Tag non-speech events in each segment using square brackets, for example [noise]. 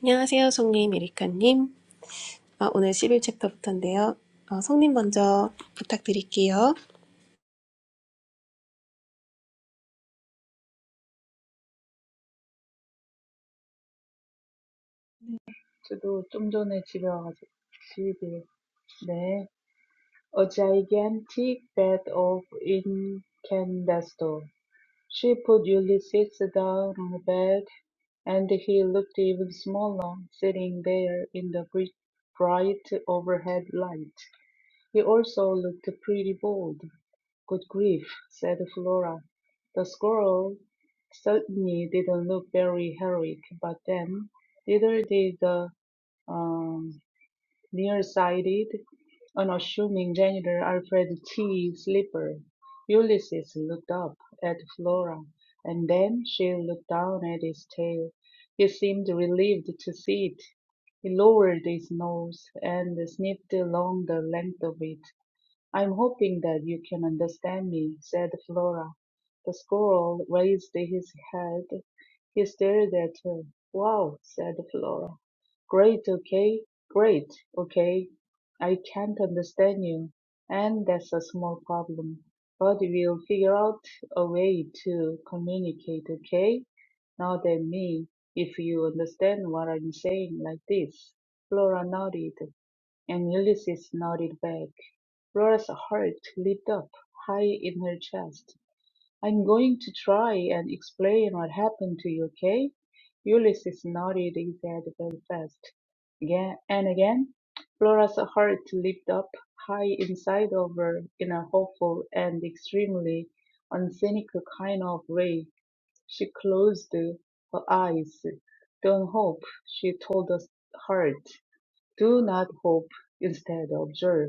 안녕하세요, 송님, 에리카님. 아, 오늘 11챕터부터인데요. 어, 송님 먼저 부탁드릴게요. 저도 좀 전에 집에 와가지고 집에 네. A gigantic bed of incandesto. She put Ulysses down on a bed, and he looked even smaller sitting there in the bri- bright overhead light. He also looked pretty bold. Good grief, said Flora. The squirrel certainly didn't look very heroic, but then neither did the um, Nearsighted, unassuming janitor Alfred T. Sleeper, Ulysses looked up at Flora, and then she looked down at his tail. He seemed relieved to see it. He lowered his nose and sniffed along the length of it. "I'm hoping that you can understand me," said Flora. The squirrel raised his head. He stared at her. "Wow," said Flora. "Great, okay. Great, okay. I can't understand you, and that's a small problem. But we'll figure out a way to communicate, okay? Nod at me if you understand what I'm saying like this." Flora nodded, and Ulysses nodded back. Laura's heart leaped up high in her chest. I'm going to try and explain what happened to you, okay? Ulysses nodded his head very fast. Again and again, Laura's heart leaped up high inside of her in a hopeful and extremely uncynical kind of way. She closed her eyes. Don't hope, she told the heart. Do not hope, instead observe.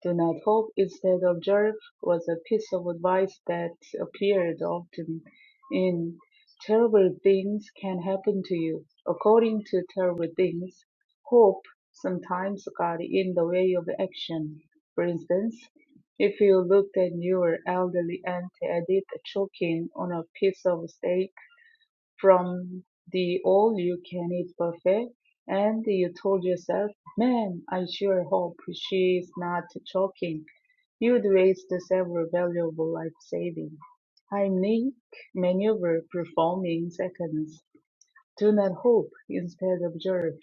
Do not hope, instead of observe was a piece of advice that appeared often in Terrible Things Can Happen to You. According to Terrible Things, hope sometimes got in the way of action. For instance, if you looked at your elderly aunt Edith choking on a piece of steak from the all-you-can-eat buffet, and you told yourself, Man, I sure hope she's not choking. You'd waste several valuable life saving. Heimlich maneuver performing seconds. Do not hope, instead observe,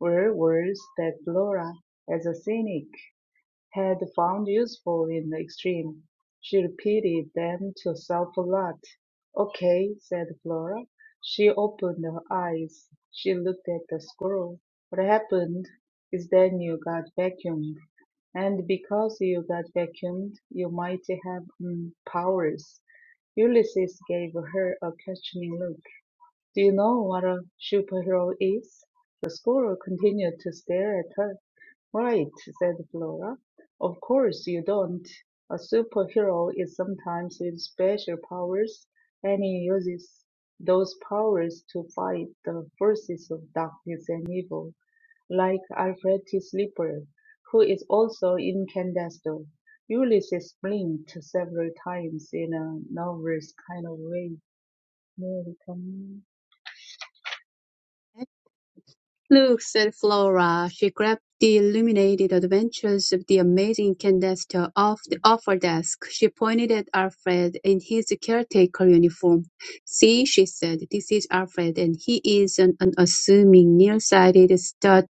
were words that Laura, as a cynic, had found useful in the extreme, she repeated them to herself a lot. "Okay," said Flora. She opened her eyes. She looked at the squirrel. What happened is that you got vacuumed. And because you got vacuumed, you might have mm, powers. Ulysses gave her a questioning look. Do you know what a superhero is? The squirrel continued to stare at her. Right, said Flora. Of course you don't. A superhero is sometimes with special powers, and he uses those powers to fight the forces of darkness and evil, like Alfred T. Sleeper, who is also in Ulysses blinked several times in a nervous kind of way. 네, 리카님. Look, said Flora. She grabbed the illuminated adventures of the amazing Candesto off the offer desk. She pointed at Alfred in his caretaker uniform. See, she said, this is Alfred, and he is an unassuming, nearsighted, stut-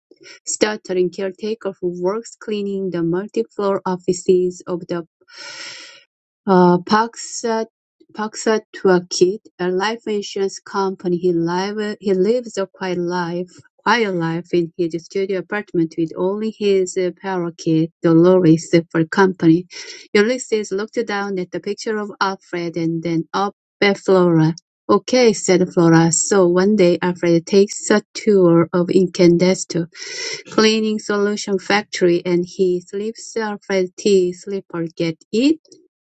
stuttering caretaker who works cleaning the multi-floor offices of the uh, Paxa Paxa Tuakit, a life insurance company. He live he lives a quiet life, quiet life in his studio apartment with only his uh, parakeet, Dolores, for company. Ulysses looked down at the picture of Alfred and then up at Flora. Okay, said Flora. So one day Alfred takes a tour of Incandesto cleaning solution factory and he slips Alfred tea slipper. Get it?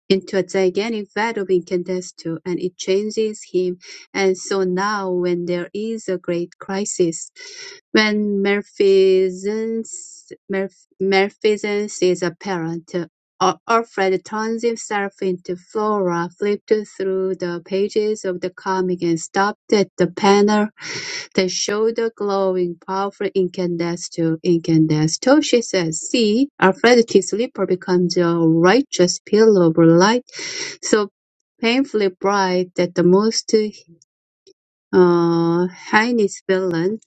into a gigantic vat of incandesto, and it changes him. And so now, when there is a great crisis, when malfeasance, malf- malfeasance is apparent, Al- Alfred turns himself into Flora, flipped through the pages of the comic, and stopped at the panel the shoulder glowing powerful incandesto, incandesto, she says. See, Aphrodite's slipper becomes a righteous pillar of light, so painfully bright that the most uh, heinous villain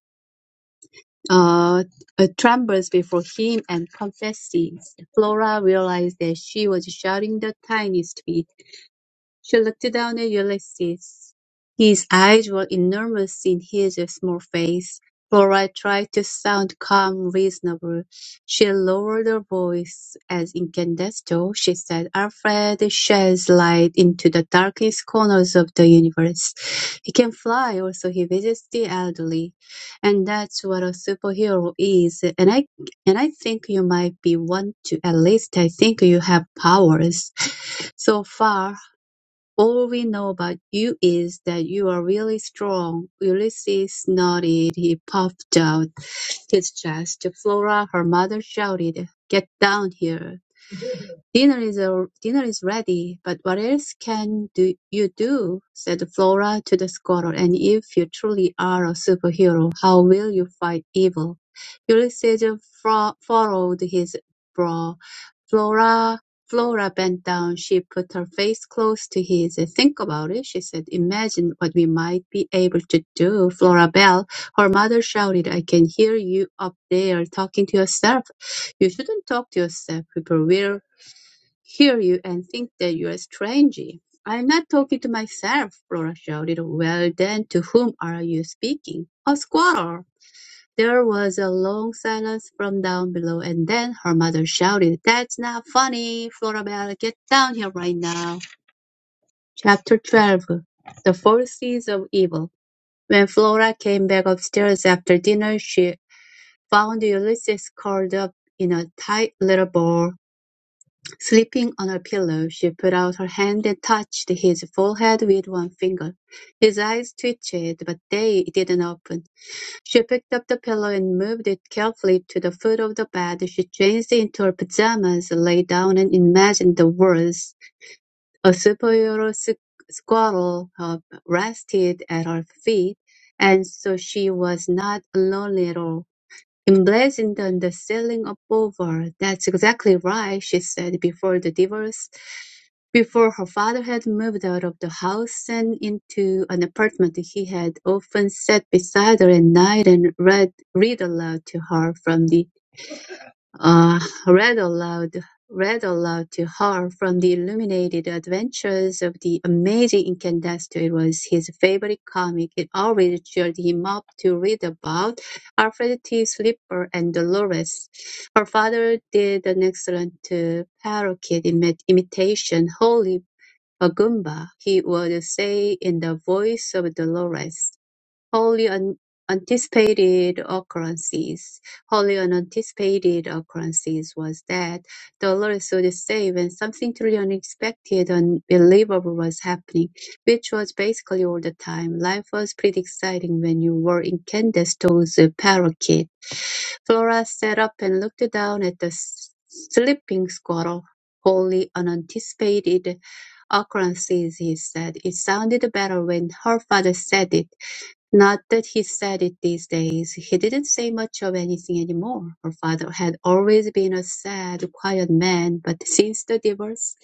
uh, uh, trembles before him and confesses. Flora realized that she was shouting the tiniest bit she looked down at Ulysses. His eyes were enormous in his small face. Flora tried to sound calm, reasonable. She lowered her voice as incandesto. She said, Alfred sheds light into the darkest corners of the universe. He can fly, also he visits the elderly. And that's what a superhero is. And I and I think you might be one too. At least I think you have powers. [laughs] So far, all we know about you is that you are really strong. Ulysses snorted. He puffed out his chest. Flora, her mother, shouted, Get down here! "Dinner is al- dinner is ready, but what else can do you do?" said Flora to the squirrel. "And if you truly are a superhero, how will you fight evil?" Ulysses fro- furrowed his brow. Flora Flora bent down. She put her face close to his. "Think about it," she said. "Imagine what we might be able to do." "Flora Bell, her mother shouted, "I can hear you up there talking to yourself." "You shouldn't talk to yourself. People will hear you and think that you are strangey. I'm not talking to myself, Flora shouted. Well then, to whom are you speaking? A squirrel. There was a long silence from down below, and then her mother shouted, That's not funny, Florabelle, get down here right now. Chapter 12 The Forces of Evil When Flora came back upstairs after dinner, she found Ulysses curled up in a tight little ball Sleeping on her pillow, she put out her hand and touched his forehead with one finger. His eyes twitched, but they didn't open. She picked up the pillow and moved it carefully to the foot of the bed. She changed into her pajamas, lay down, and imagined the words. A superhero squ- squirrel uh, rested at her feet, and so she was not lonely at all. "Emblazoned on the ceiling above her. that's exactly right, she said before the divorce, before her father had moved out of the house and into an apartment he had often sat beside her at night and read read aloud to her from the uh, read aloud, read aloud to her from the illuminated adventures of the amazing Incandesto. It was his favorite comic. It always cheered him up to read about Alfred T. Slipper and Dolores. Her father did an excellent uh, parakeet imi- imitation, Holy Agumba, he would say in the voice of Dolores. Wholly un- anticipated occurrences. Wholly unanticipated occurrences was that Dolores would say when something truly unexpected, unbelievable was happening, which was basically all the time. Life was pretty exciting when you were in Candace Toe's parakeet. Flora sat up and looked down at the s- sleeping squirrel. Wholly unanticipated occurrences, he said. It sounded better when her father said it. Not that he said it these days. He didn't say much of anything anymore. Her father had always been a sad, quiet man, but since the divorce,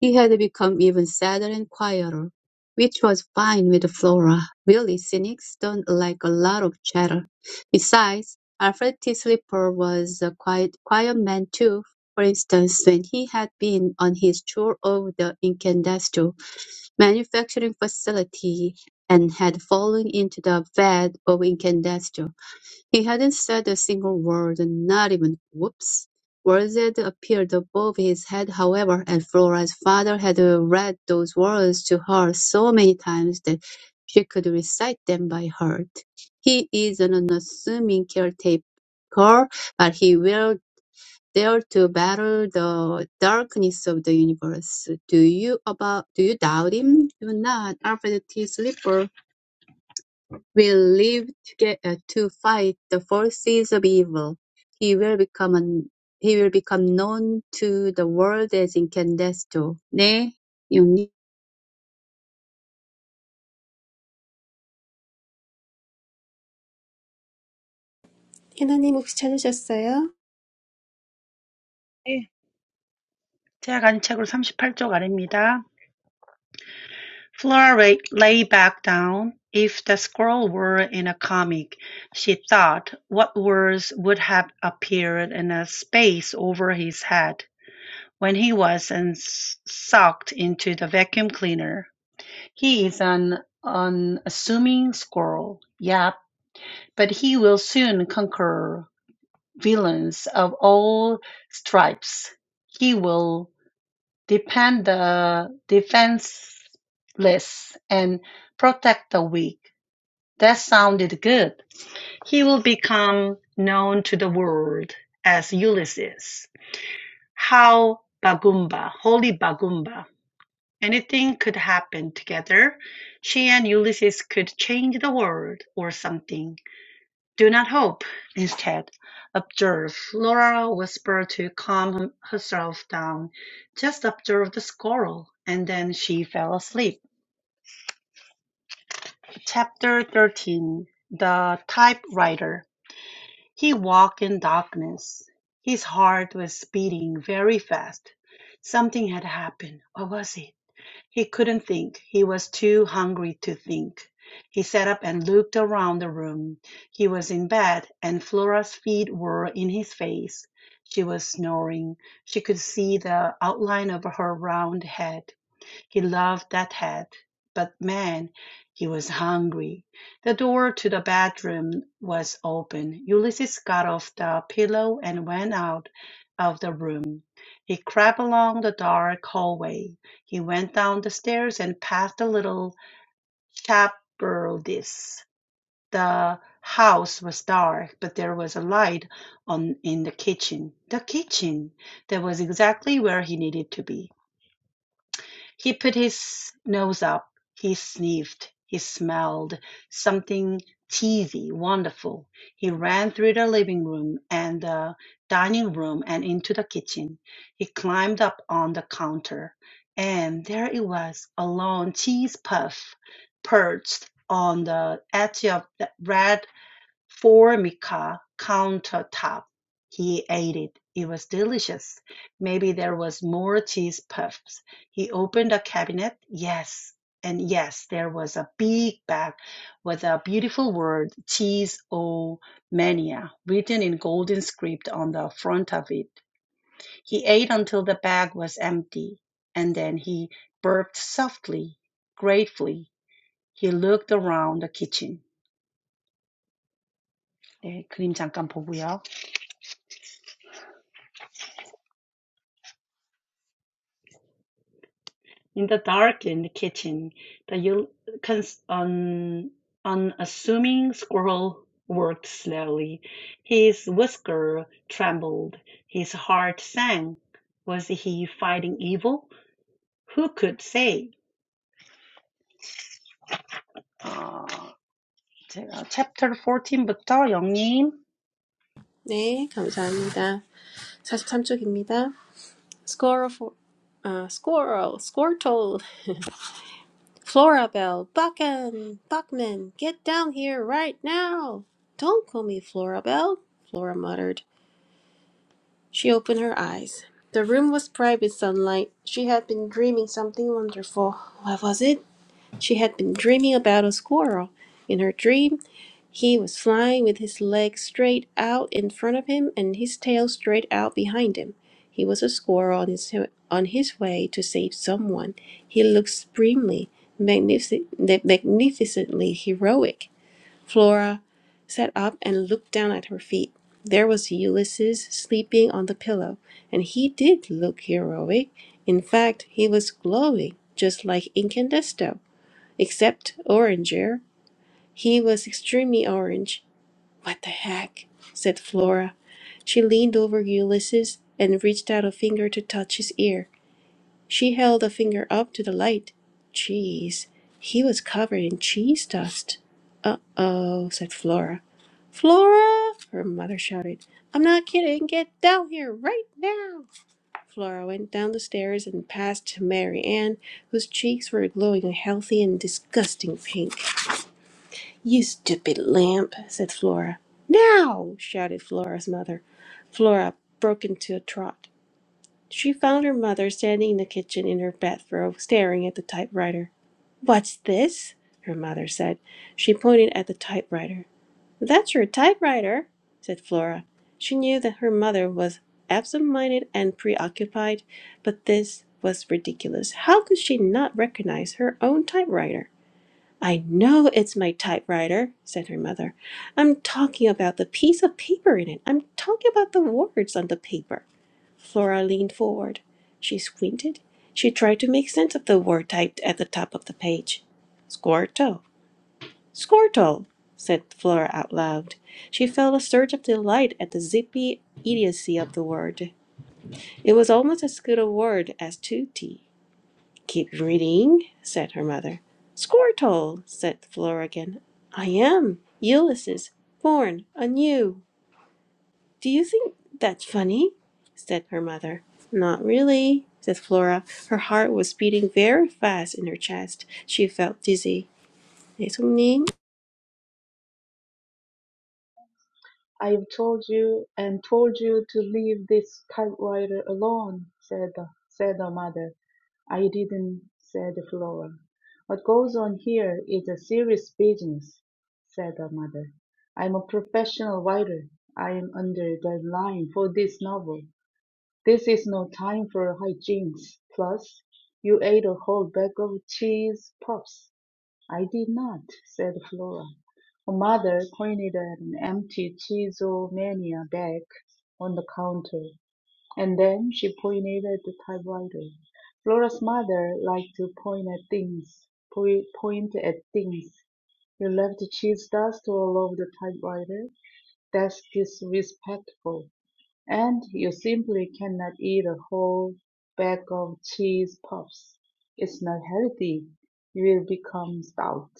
he had become even sadder and quieter, which was fine with Flora. Really, cynics don't like a lot of chatter. Besides, Alfred T. Slipper was a quiet, quiet man too. For instance, when he had been on his tour of the Incandesto manufacturing facility, and had fallen into the vat of incandesto. He hadn't said a single word, not even "whoops." Words that appeared above his head, however, and Flora's father had uh, read those words to her so many times that she could recite them by heart. He is an unassuming caretaker, but he will dare to battle the darkness of the universe. Do you about do you doubt him? Do not, Alfred T. Slipper will live together to fight the forces of evil. He will become an, he will become known to the world as Incandesto. 네, 영님. 해나님 혹시 찾으셨어요? 네, 제가 간 책으로 38쪽 아래입니다. Flora lay lay back down. If the scroll were in a comic, she thought what words would have appeared in a space over his head when he was sucked into the vacuum cleaner. He is an unassuming squirrel, yep, but he will soon conquer villains of all stripes. He will defend the defenseless and protect the weak. That sounded good. He will become known to the world as Ulysses. How Bagumba, holy Bagumba. Anything could happen together. She and Ulysses could change the world or something. "Do not hope," instead, observe, Laura whispered to calm herself down. "Just observe the squirrel." And then she fell asleep. Chapter 13 The Typewriter He walked in darkness. His heart was beating very fast. Something had happened. What was it? He couldn't think. He was too hungry to think. He sat up and looked around the room. He was in bed, and Flora's feet were in his face. She was snoring. She could see the outline of her round head. He loved that head, but man, he was hungry. The door to the bedroom was open. Ulysses got off the pillow and went out of the room. He crept along the dark hallway. He went down the stairs and past the little shepherdess. The house was dark, but there was a light on in the kitchen. The kitchen! That was exactly where he needed to be. He put his nose up. He sniffed. He smelled something cheesy, wonderful. He ran through the living room and the dining room and into the kitchen. He climbed up on the counter, and there it was a long cheese puff perched on the edge of the red Formica countertop. He ate it. It was delicious. Maybe there was more cheese puffs. He opened a cabinet. Yes. And yes, there was a big bag with a beautiful word, cheese o mania, written in golden script on the front of it. He ate until the bag was empty, and then he burped softly, gratefully. He looked around the kitchen. 네, 그림 잠깐 보고요. In the darkened kitchen, the un- unassuming squirrel worked slowly. His whisker trembled. His heart sank. Was he fighting evil? Who could say? 아, 제가 chapter fourteen부터 영님. 네, 감사합니다. 43쪽입니다. Squirrel, for, 아, squirrel, squirtle, Florabelle, Buckan, Buckman, get down here right now. Don't call me Florabelle, Flora muttered. She opened her eyes. The room was bright with sunlight. She had been dreaming something wonderful. What was it? She had been dreaming about a squirrel. In her dream, he was flying with his legs straight out in front of him and his tail straight out behind him. He was a squirrel on his, on his way to save someone. He looked supremely, magnific- magnificently heroic. Flora sat up and looked down at her feet. There was Ulysses sleeping on the pillow, and he did look heroic. In fact, he was glowing, just like Incandesto except oranger. He was extremely orange. What the heck? said Flora. She leaned over Ulysses and reached out a finger to touch his ear. She held a finger up to the light. Cheese. He was covered in cheese dust. Uh oh, said Flora. Flora! her mother shouted. I'm not kidding. Get down here right now. Flora went down the stairs and past Mary Ann, whose cheeks were glowing a healthy and disgusting pink. You stupid lamp, said Flora. Now! shouted Flora's mother. Flora broke into a trot. She found her mother standing in the kitchen in her bathrobe, staring at the typewriter. What's this? her mother said. She pointed at the typewriter. That's your typewriter, said Flora. She knew that her mother was absent minded and preoccupied, but this was ridiculous. How could she not recognize her own typewriter? I know it's my typewriter, said her mother. I'm talking about the piece of paper in it. I'm talking about the words on the paper. Flora leaned forward. She squinted. She tried to make sense of the word typed at the top of the page. Squirtle. Squirtle, said Flora out loud. She felt a surge of delight at the zippy idiocy of the word. It was almost as good a word as tutti. "Keep reading," said her mother. "Squirtle!" said Flora again. "I am Ulysses, born anew." "Do you think that's funny?" said her mother. "Not really," said Flora. Her heart was beating very fast in her chest. She felt dizzy. 네, 손님. "I've told you and told you to leave this typewriter alone," said the said the mother. "I didn't," said Flora. "What goes on here is a serious business," said the mother. "I'm a professional writer. I'm under deadline for this novel. This is no time for hijinks. Plus, you ate a whole bag of cheese puffs. "I did not," said Flora. Her mother pointed at an empty Cheesemania bag on the counter, and then she pointed at the typewriter. Flora's mother liked to point at things. Point point at things. You left cheese dust all over the typewriter. That's disrespectful. And you simply cannot eat a whole bag of cheese puffs. It's not healthy. You will become stout.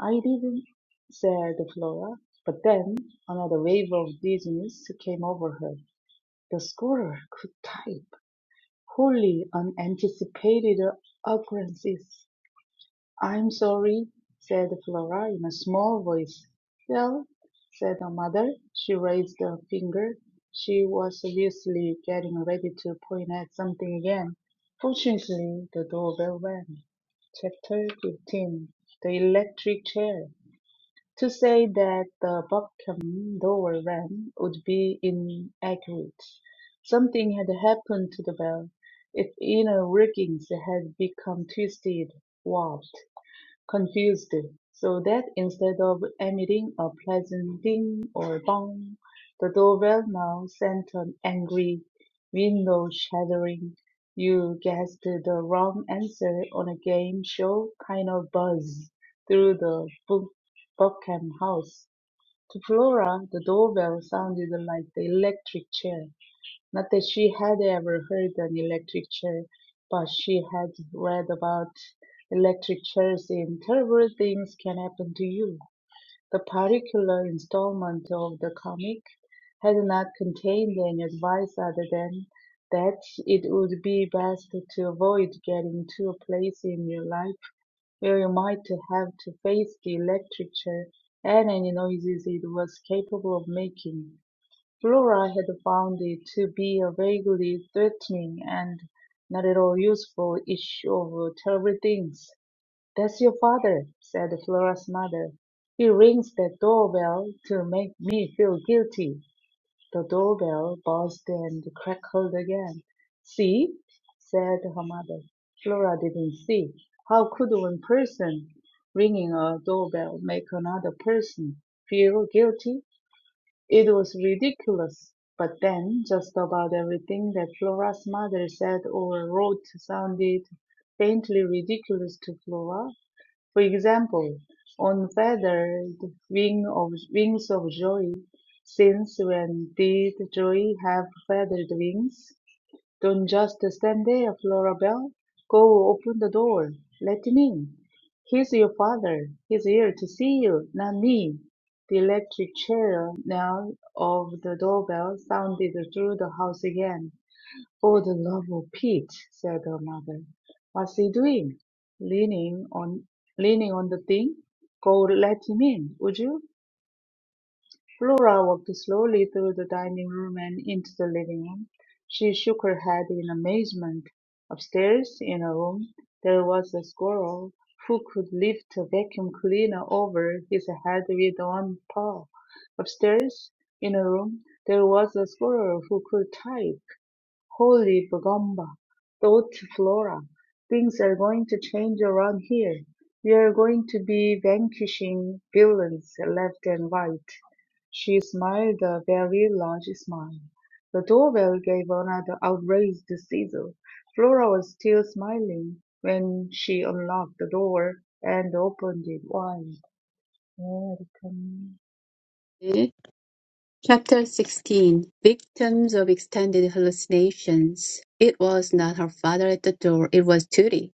I didn't, said Flora. But then another wave of dizziness came over her. The scholar could type. Wholly unanticipated occurrences. I'm sorry, said Flora in a small voice. Well, said her mother. She raised a finger. She was obviously getting ready to point at something again. Fortunately, the doorbell rang. Chapter 15 The Electric Chair to say that the Buckham door rang would be inaccurate. Something had happened to the bell. Its inner workings had become twisted, warped confused, so that instead of emitting a pleasant ding or dong, the doorbell now sent an angry, window shattering, you guessed the wrong answer on a game show kind of buzz through the Bu- Buckham house. To Flora, the doorbell sounded like the electric chair. Not that she had ever heard an electric chair, but she had read about electric chairs and terrible things can happen to you. The particular installment of the comic had not contained any advice other than that it would be best to avoid getting to a place in your life where you might have to face the electric chair and any noises it was capable of making. Flora had found it to be a vaguely threatening and not at all useful issue of terrible things. "That's your father," said Flora's mother. "He rings that doorbell to make me feel guilty." The doorbell buzzed and crackled again. "See?" said her mother. Flora didn't see. How could one person ringing a doorbell make another person feel guilty? It was ridiculous, but then just about everything that Flora's mother said or wrote sounded faintly ridiculous to Flora. For example, on feathered wing of, wings of joy, since when did joy have feathered wings? Don't just stand there, Flora Belle. Go open the door. Let him in. He's your father. He's here to see you, not me. The electric chair now of the doorbell sounded through the house again. For the love of Pete, said her mother. What's he doing? Leaning on leaning on the thing? Go let him in, would you? Flora walked slowly through the dining room and into the living room. She shook her head in amazement. Upstairs, in a room, there was a squirrel who could lift a vacuum cleaner over his head with one paw. Upstairs, in a room, there was a squirrel who could type. Holy Bagamba, thought Flora. Things are going to change around here. We are going to be vanquishing villains left and right. She smiled a very large smile. The doorbell gave another outrageous sizzle. Flora was still smiling when she unlocked the door and opened it wide. welcome. Chapter 16 Victims of Extended Hallucinations. It was not her father at the door, it was Tootie.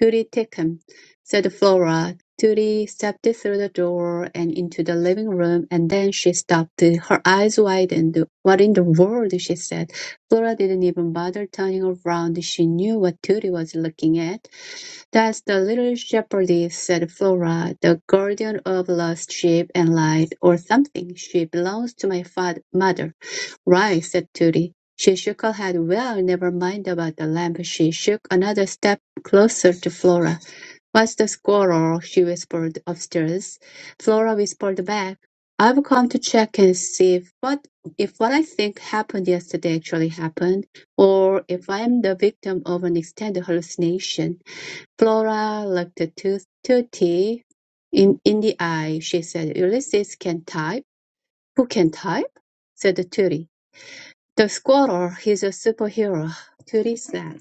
Tootie, take him, said Flora. Tootie stepped through the door and into the living room, and then she stopped. Her eyes widened. What in the world? she said. Flora didn't even bother turning around. She knew what Tootie was looking at. "That's the little shepherdess," said Flora, "the guardian of lost sheep and light, or something. She belongs to my fath- mother." "Right," said Tooty. She shook her head. "Well, never mind about the lamp." She took another step closer to Flora. "What's the squalor?" she whispered upstairs. Flora whispered back, "I've come to check and see if what if what I think happened yesterday actually happened, or if I'm the victim of an extended hallucination. Flora looked Tutti in in the eye. She said, "Ulysses can type." "Who can type?" said Tutti. "The squatter. He's a superhero," Tutti said.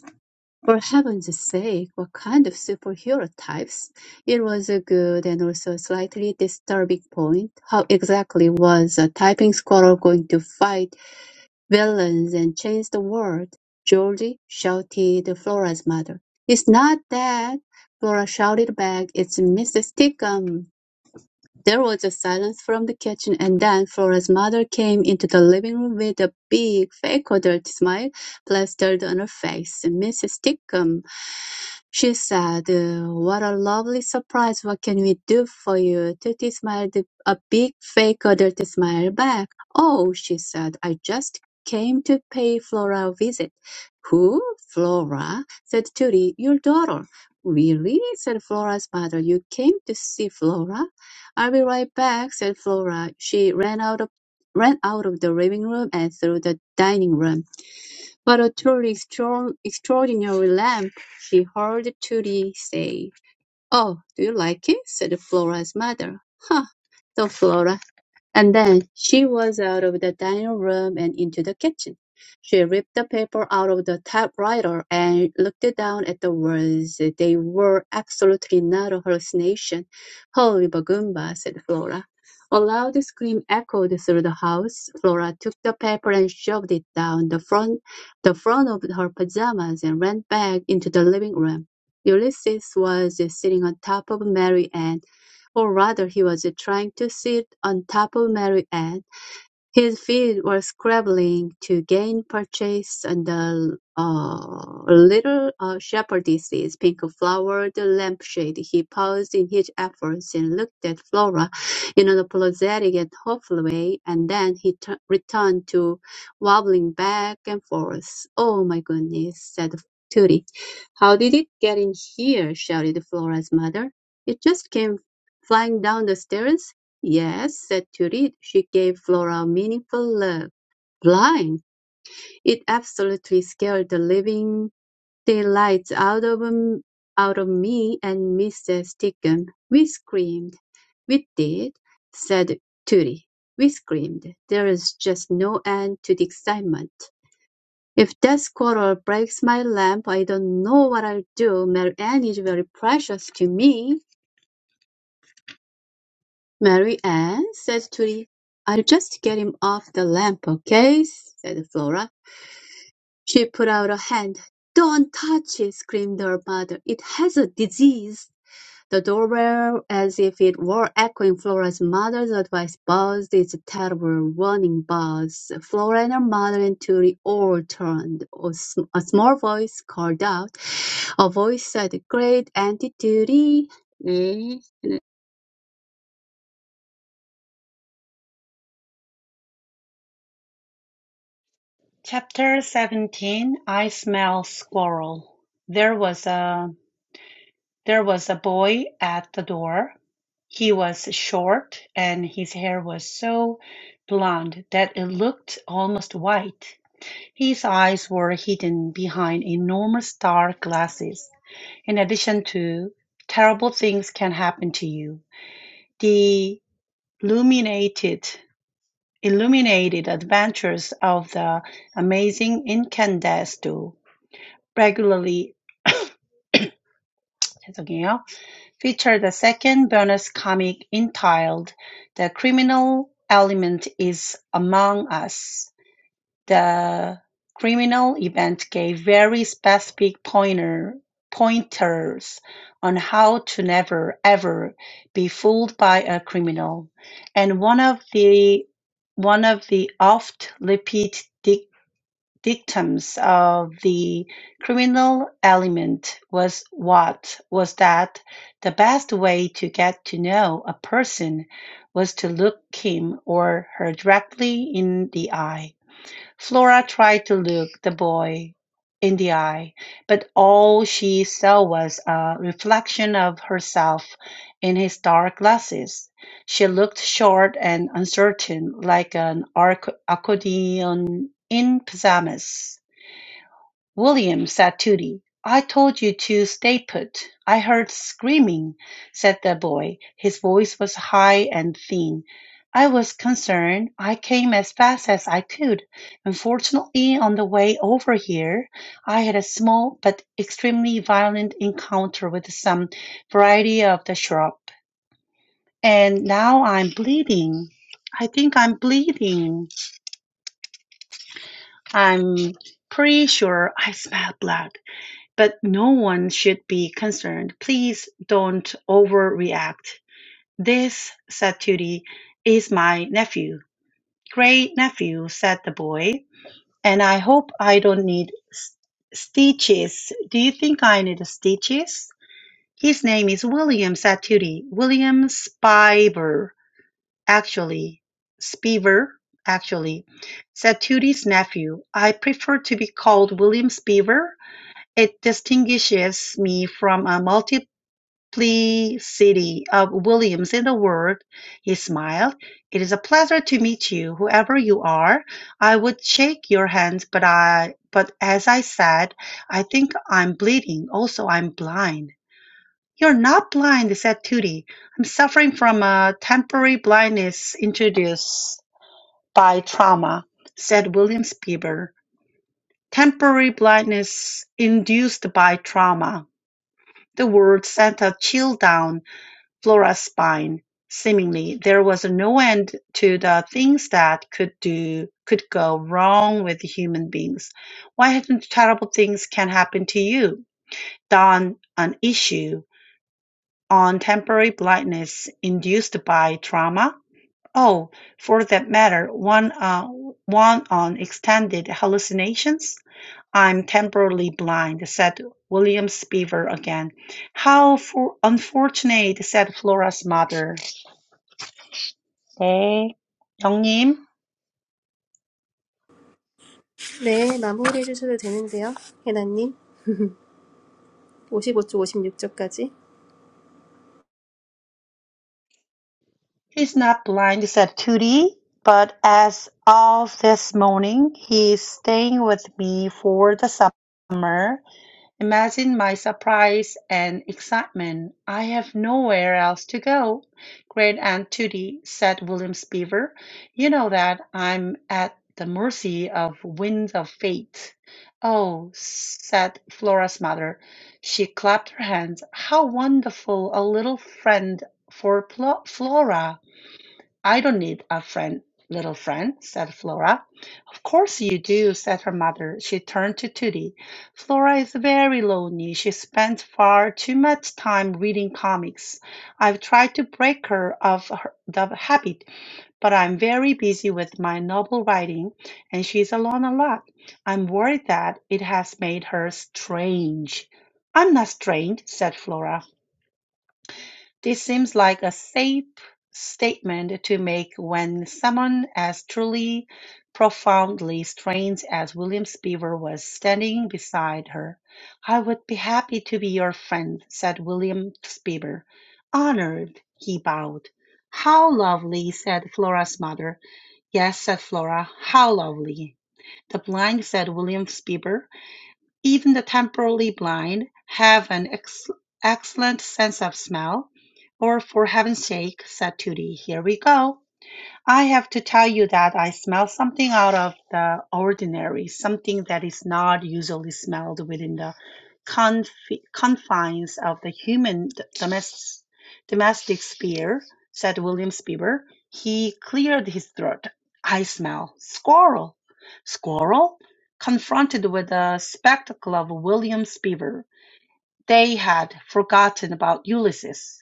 "For heaven's sake, what kind of superhero types?" It was a good and also slightly disturbing point. How exactly was a typing squatter going to fight Villains and change the world, Georgie, shouted Flora's mother. It's not that, Flora shouted back, it's Mrs. Tickum. There was a silence from the kitchen, and then Flora's mother came into the living room with a big, fake adult smile plastered on her face. "Mrs. Stickum," she said, "uh, what a lovely surprise! What can we do for you?" Tootie smiled a big, fake adult smile back. "Oh," she said, "I just came to pay Flora a visit." "Who? Flora?" said Tootie. "Your daughter." "Really?" said Flora's mother. "You came to see Flora? "I'll be right back," said Flora. She ran out of ran out of the living room and through the dining room. "What a truly extraor- extraordinary lamp!" she heard Tooty say. "Oh, do you like it?" said Flora's mother. "Huh!" thought Flora. And then she was out of the dining room and into the kitchen. She ripped the paper out of the typewriter and looked down at the words. They were absolutely not a hallucination. Holy Bagumba, said Flora. A loud scream echoed through the house. Flora took the paper and shoved it down the front, the front of her pajamas and ran back into the living room. Ulysses was sitting on top of Mary Ann or rather he was trying to sit on top of Mary Ann. His feet were scrambling to gain purchase under uh, a little uh, shepherdess's pink-flowered lampshade. He paused in his efforts and looked at Flora in an apologetic and hopeful way, and then he tu- returned to wobbling back and forth. "Oh, my goodness," said Tootie. "How did it get in here?" shouted Flora's mother. "It just came flying down the stairs. Yes, said Judith. She gave Flora a meaningful look. Blind! It absolutely scared the living daylights out of m- out of me and Mrs. Deacon. We screamed. We did, said Judy. We screamed. There is just no end to the excitement. If that squirrel breaks my lamp, I don't know what I'll do. Mary Ann is very precious to me. Mary Ann said Judy, "I'll just get him off the lamp, okay?" said Flora. She put out a hand. "Don't touch it!" screamed her mother. "It has a disease." The doorbell, as if it were echoing Flora's mother's advice, buzzed its terrible warning buzz. Flora and her mother and Judy all turned. A sm- a small voice called out. A voice said, "Great Auntie Judy!" Chapter 17, I smell squirrel. There was a There was a boy at the door. He was short and his hair was so blonde that it looked almost white. His eyes were hidden behind enormous dark glasses. In addition to terrible things can happen to you. The illuminated illuminated adventures of the amazing Incandesto regularly [coughs] 죄송해요. Featured a second bonus comic entitled "The Criminal Element Is Among Us", the criminal event gave very specific pointer pointers on how to never, ever be fooled by a criminal, and one of the one of the oft-repeated victims of the criminal element was what was that the best way to get to know a person was to look him or her directly in the eye. Flora tried to look the boy in the eye, but all she saw was a reflection of herself in his dark glasses. She looked short and uncertain, like an arc- accordion in pajamas. "William," said to Tooty, "I told you to stay put. I heard screaming," said the boy. His voice was high and thin. "I was concerned. I came as fast as I could. Unfortunately, on the way over here, I had a small but extremely violent encounter with some variety of the shrub, and now I'm bleeding. I think I'm bleeding. I'm pretty sure I smell blood." But no one should be concerned. Please don't overreact. This, said Tootie, is my nephew. Great nephew, said the boy. And I hope I don't need s- stitches. Do you think I need stitches? His name is William, said Tootie. William Spiver, actually. Spiver, actually, said Tootie's nephew. I prefer to be called William Spiver it distinguishes me from a multiplicity of Williams in the world." He smiled. "It is a pleasure to meet you, whoever you are. I would shake your hands, but I but as I said, I think I'm bleeding. Also, I'm blind." "You're not blind," said Tootie. "I'm suffering from a temporary blindness introduced by trauma," said Williams Bieber. "Temporary blindness induced by trauma. The word sent a chill down Flora's spine. Seemingly there was no end to the things that could do could go wrong with human beings. Why hadn't terrible things can happen to you? Done an issue on temporary blindness induced by trauma? Oh, for that matter, one uh, one on extended hallucinations? "I'm temporarily blind," said William Spivey. again. "How for unfortunate," said Flora's mother. "네, 영님. 네, 마무리해 주셔도 되는데요. 해나님. [laughs] 혜나님. 55쪽, He's not blind," said Tootie, "but as of this morning he's staying with me for the summer. Imagine my surprise and excitement. I have nowhere else to go. Great Aunt Tootie, said William Beaver, you know that I'm at the mercy of winds of fate. Oh, said Flora's mother. She clapped her hands. How wonderful a little friend for Plo- Flora! I don't need a friend, little friend, said Flora. Of course you do, said her mother. She turned to Tootie. Flora is very lonely. She spends far too much time reading comics. I've tried to break her of her, the habit, but I'm very busy with my novel writing, and she's alone a lot. I'm worried that it has made her strange. I'm not strange, said Flora. This seems like a safe statement to make when someone as truly profoundly strange as William Beaver was standing beside her. I would be happy to be your friend, said William Beaver. Honored, he bowed. How lovely, said Flora's mother. Yes, said Flora, how lovely. The blind, said William Beaver. Even the temporarily blind have an ex- excellent sense of smell. Or for heaven's sake, said Tooty, here we go. I have to tell you that I smell something out of the ordinary, something that is not usually smelled within the confi- confines of the human d- domes- domestic sphere, said William Spieber. He cleared his throat. I smell squirrel. Squirrel? Confronted with the spectacle of William Spieber, they had forgotten about Ulysses.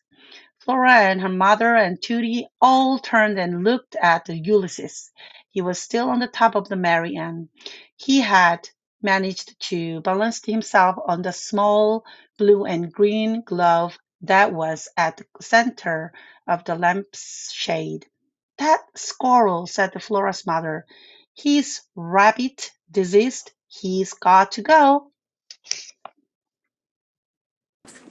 Flora and her mother and Tudy all turned and looked at the Ulysses. He was still on the top of the Mary Ann. He had managed to balance himself on the small blue and green glove that was at the center of the lampshade. That squirrel, said Flora's mother. He's rabbit diseased. He's got to go.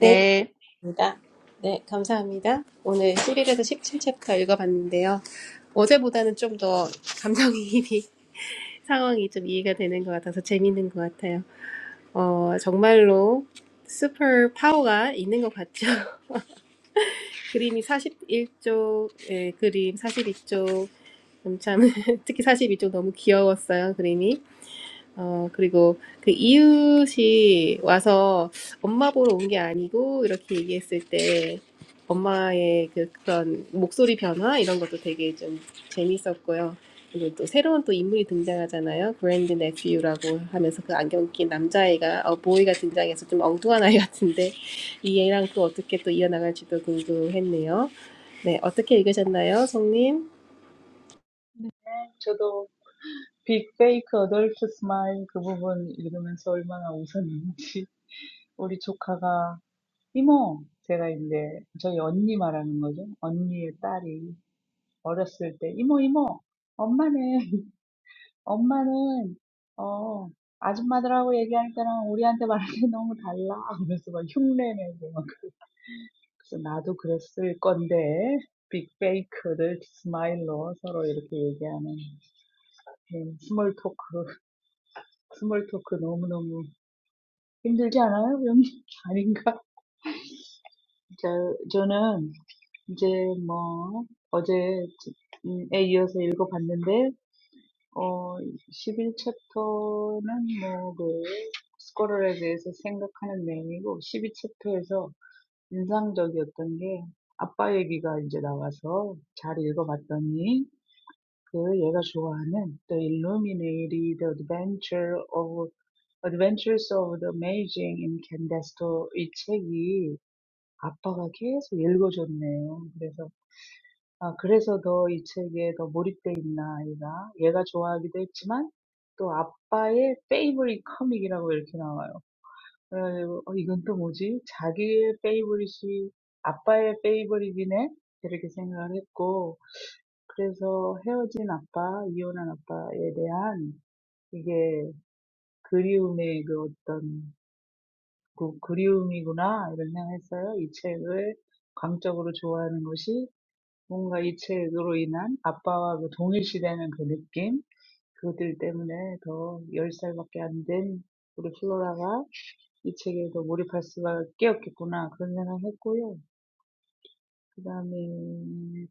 네." 입니다. 네, 감사합니다. 오늘 11에서 17챕터 읽어봤는데요. 어제보다는 좀 더 감정이입이, [laughs] 상황이 좀 이해가 되는 것 같아서 재밌는 것 같아요. 어, 정말로 슈퍼 파워가 있는 것 같죠. [laughs] 그림이 41쪽, 예, 그림 42쪽, 참, [laughs] 특히 42쪽 너무 귀여웠어요, 그림이. 어, 그리고 그 이웃이 와서 엄마 보러 온 게 아니고 이렇게 얘기했을 때 엄마의 그 그런 목소리 변화 이런 것도 되게 좀 재밌었고요. 그리고 또 새로운 또 인물이 등장하잖아요. 그랜드 네피유라고 하면서 그 안경 낀 남자애가 어, 보이가 등장해서 좀 엉뚱한 아이 같은데 이 애랑 또 어떻게 또 이어나갈지도 궁금했네요. 네, 어떻게 읽으셨나요, 송님? 저도 빅 페이크 어덜트 스마일 그 부분 읽으면서 얼마나 웃었는지 우리 조카가 이모 제가 이제 저희 언니 말하는 거죠. 언니의 딸이 어렸을 때 이모 이모 엄마네 엄마는 어 아줌마들하고 얘기할 때랑 우리한테 말할 때 너무 달라 그래서 막 흉내내고 막 그래. 그래서 나도 그랬을 건데 빅페이크를 스마일로 서로 이렇게 얘기하는 그런 스몰 토크 [laughs] 스몰 토크 너무너무 힘들지 않아요? 그럼 [laughs] 아닌가? 저, 저는 이제 뭐 어제 음, 에 이어서 읽어봤는데 어, 십일 챕터는 뭐, 그, 스쿼럴에 대해서 생각하는 내용이고, 십이 챕터에서 인상적이었던 게, 아빠 얘기가 이제 나와서 잘 읽어봤더니, 그 얘가 좋아하는 The Illuminated Adventure of, Adventures of the Amazing in Candesto 이 책이 아빠가 계속 읽어줬네요. 그래서. 아, 그래서 더 이 책에 더 몰입돼 있나 얘가 얘가 좋아하기도 했지만 또 아빠의 페이보릿 커믹이라고 이렇게 나와요. 그래가지고 어, 이건 또 뭐지? 자기의 페이보릿이 아빠의 페이보릿이네 이렇게 생각을 했고 그래서 헤어진 아빠, 이혼한 아빠에 대한 이게 그리움의 그 어떤 그 그리움이구나 이런 생각했어요. 이 책을 광적으로 좋아하는 것이 뭔가 이 책으로 인한 아빠와 그 동일시되는 그 느낌, 그들 때문에 더 10살밖에 안된 우리 플로라가 이 책에 더 몰입할 수밖에 없겠구나, 그런 생각을 했고요. 그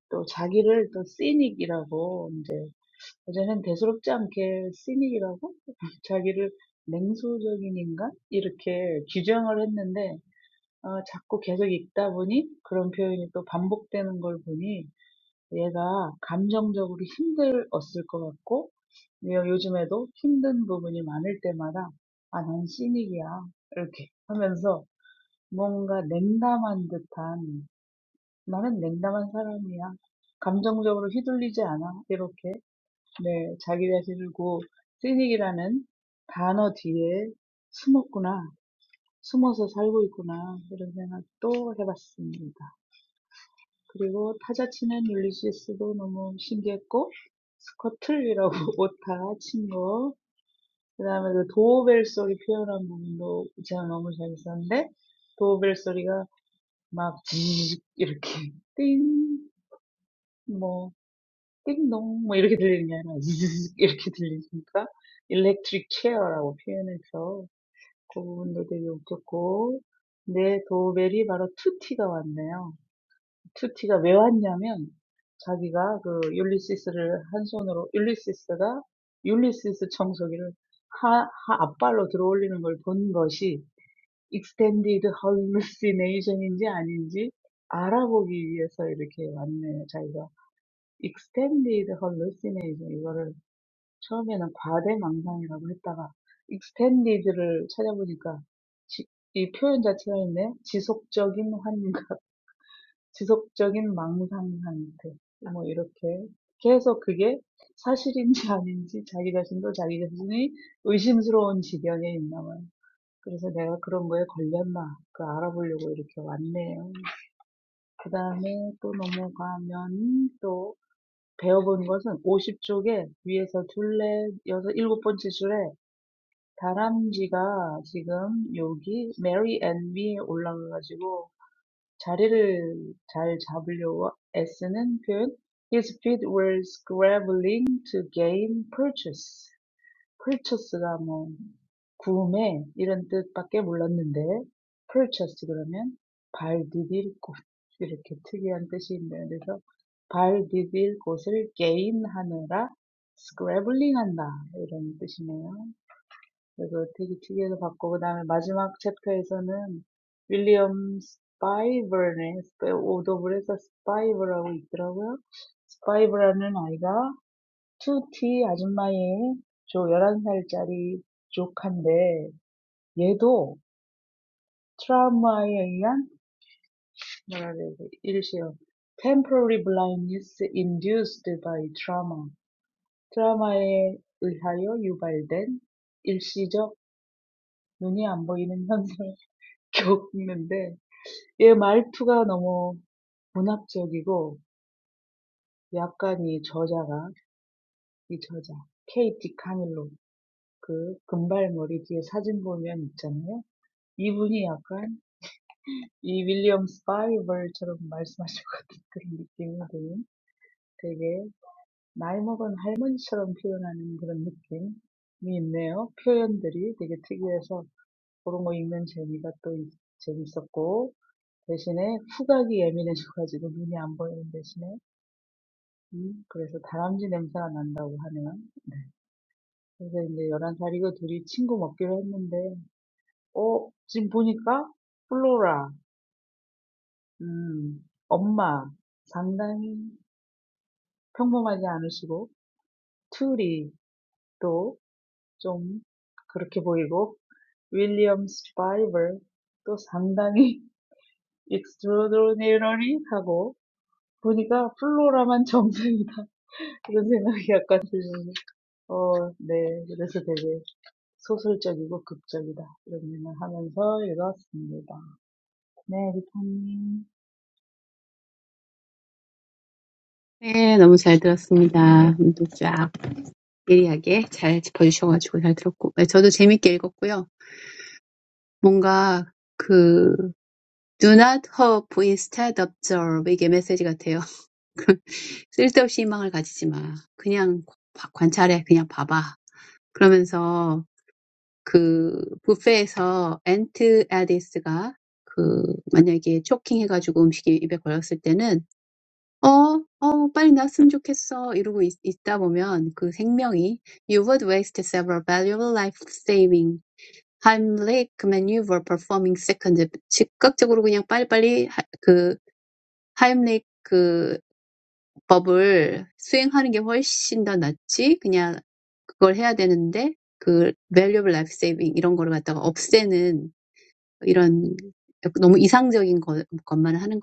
또 자기를 또 시닉이라고, 이제, 어제는 대수롭지 않게 시닉이라고? [laughs] 자기를 냉소적인 인간? 이렇게 규정을 했는데, 어, 자꾸 계속 읽다 보니 그런 표현이 또 반복되는 걸 보니 얘가 감정적으로 힘들었을 것 같고, 얘가 요즘에도 힘든 부분이 많을 때마다, 아, 난 씨닉이야. 이렇게 하면서 뭔가 냉담한 듯한, 나는 냉담한 사람이야. 감정적으로 휘둘리지 않아. 이렇게, 네, 자기 자신을 고, 씨닉이라는 단어 뒤에 숨었구나. 숨어서 살고 있구나. 이런 생각 또 해봤습니다. 그리고 타자 치는 율리시스도 너무 신기했고 스커틀이라고 오타 친거그 다음에 그 도어벨 소리 표현한 부분도 제가 너무 재밌었는데 도어벨 소리가 막 지직 이렇게 띵, 뭐 띵동 뭐 이렇게 들리는 게 아니라 이렇게 들리니까 일렉트릭 체어라고 표현해서 그 부분도 되게 웃겼고 근데 도어벨이 바로 투티가 왔네요. 큐티가 왜 왔냐면 자기가 그 율리시스를 한 손으로 율리시스가 율리시스 청소기를 하, 하 앞발로 들어올리는 걸 본 것이 extended hallucination인지 아닌지 알아보기 위해서 이렇게 왔네요. 자기가 extended hallucination 이거를 처음에는 과대망상이라고 했다가 extended를 찾아보니까 지, 이 표현 자체가 있네. 지속적인 환각. 지속적인 망상 상태. 뭐 이렇게 계속 그게 사실인지 아닌지 자기 자신도 자기 자신이 의심스러운 지경에 있나 봐요. 그래서 내가 그런 거에 걸렸나 그 알아보려고 이렇게 왔네요. 그 다음에 또 넘어가면 또 배워본 것은 오십 쪽에 위에서 둘레 여섯 일곱 번째 줄에 다람쥐가 지금 여기 메리 앤 위에 올라가가지고 자리를 잘 잡으려고 애쓰는 표현. His feet were scrambling to gain purchase. purchase가 뭐 구매 이런 뜻밖에 몰랐는데 purchase 그러면 발 디딜 곳 이렇게 특이한 뜻이 있네요. 그래서 발 디딜 곳을 gain하느라 scrambling 한다 이런 뜻이네요. 그래서 되게 특이해서 봤고 그 다음에 그다음에 마지막 챕터에서는 윌리엄 스파이벌네 스파- 오독을 해서 스파이벌하고 있더라고요. 스파이벌이라는 아이가 2T 아줌마의 조 열한 살짜리 조카인데 얘도 트라우마에 의한 뭐라 그래야 돼? 일시요. Temporary blindness induced by trauma. 트라우마에 의하여 유발된 일시적 눈이 안 보이는 현상 겪는데 얘 말투가 너무 문학적이고 약간 이 저자가 이 저자 케이티 카밀로 그 금발머리 뒤에 사진 보면 있잖아요. 이분이 약간 이 윌리엄 스파이벌처럼 말씀하실 [laughs] 것 같은 그런 느낌이 드는 되게 나이 먹은 할머니처럼 표현하는 그런 느낌이 있네요. 표현들이 되게 특이해서 그런 거 읽는 재미가 또 재밌었고 대신에 후각이 예민해져가지고 눈이 안 보이는 대신에 음 그래서 다람쥐 냄새가 난다고 하네요. 네. 그래서 이제 열한 살이고 둘이 친구 먹기로 했는데 어 지금 보니까 플로라 음 엄마 상당히 평범하지 않으시고 툴이 또 좀 그렇게 보이고 윌리엄 스파이벌 또 상당히 [laughs] extraordinary하고 보니까 플로라만 정상이다. [laughs] 이런 생각이 약간 들면서 어 네. 그래서 되게 So, it's a novel and a drama. I read it. Next, 네, 너무 잘 들었습니다. 오늘도 쫙 예리하게 잘 짚어주셔가지고 잘 들었고, 네, 저도 재밌게 읽었고요. 뭔가 그 Do not hope instead observe 이게 메시지 같아요. [laughs] 쓸데없이 희망을 가지지 마. 그냥 관찰해, 그냥 봐봐. 그러면서 그 뷔페에서 앤트 에디스가 그 만약에 초킹해가지고 음식이 입에 걸렸을 때는 Oh, oh, quickly! It's good. So, if you're there, that means you're not going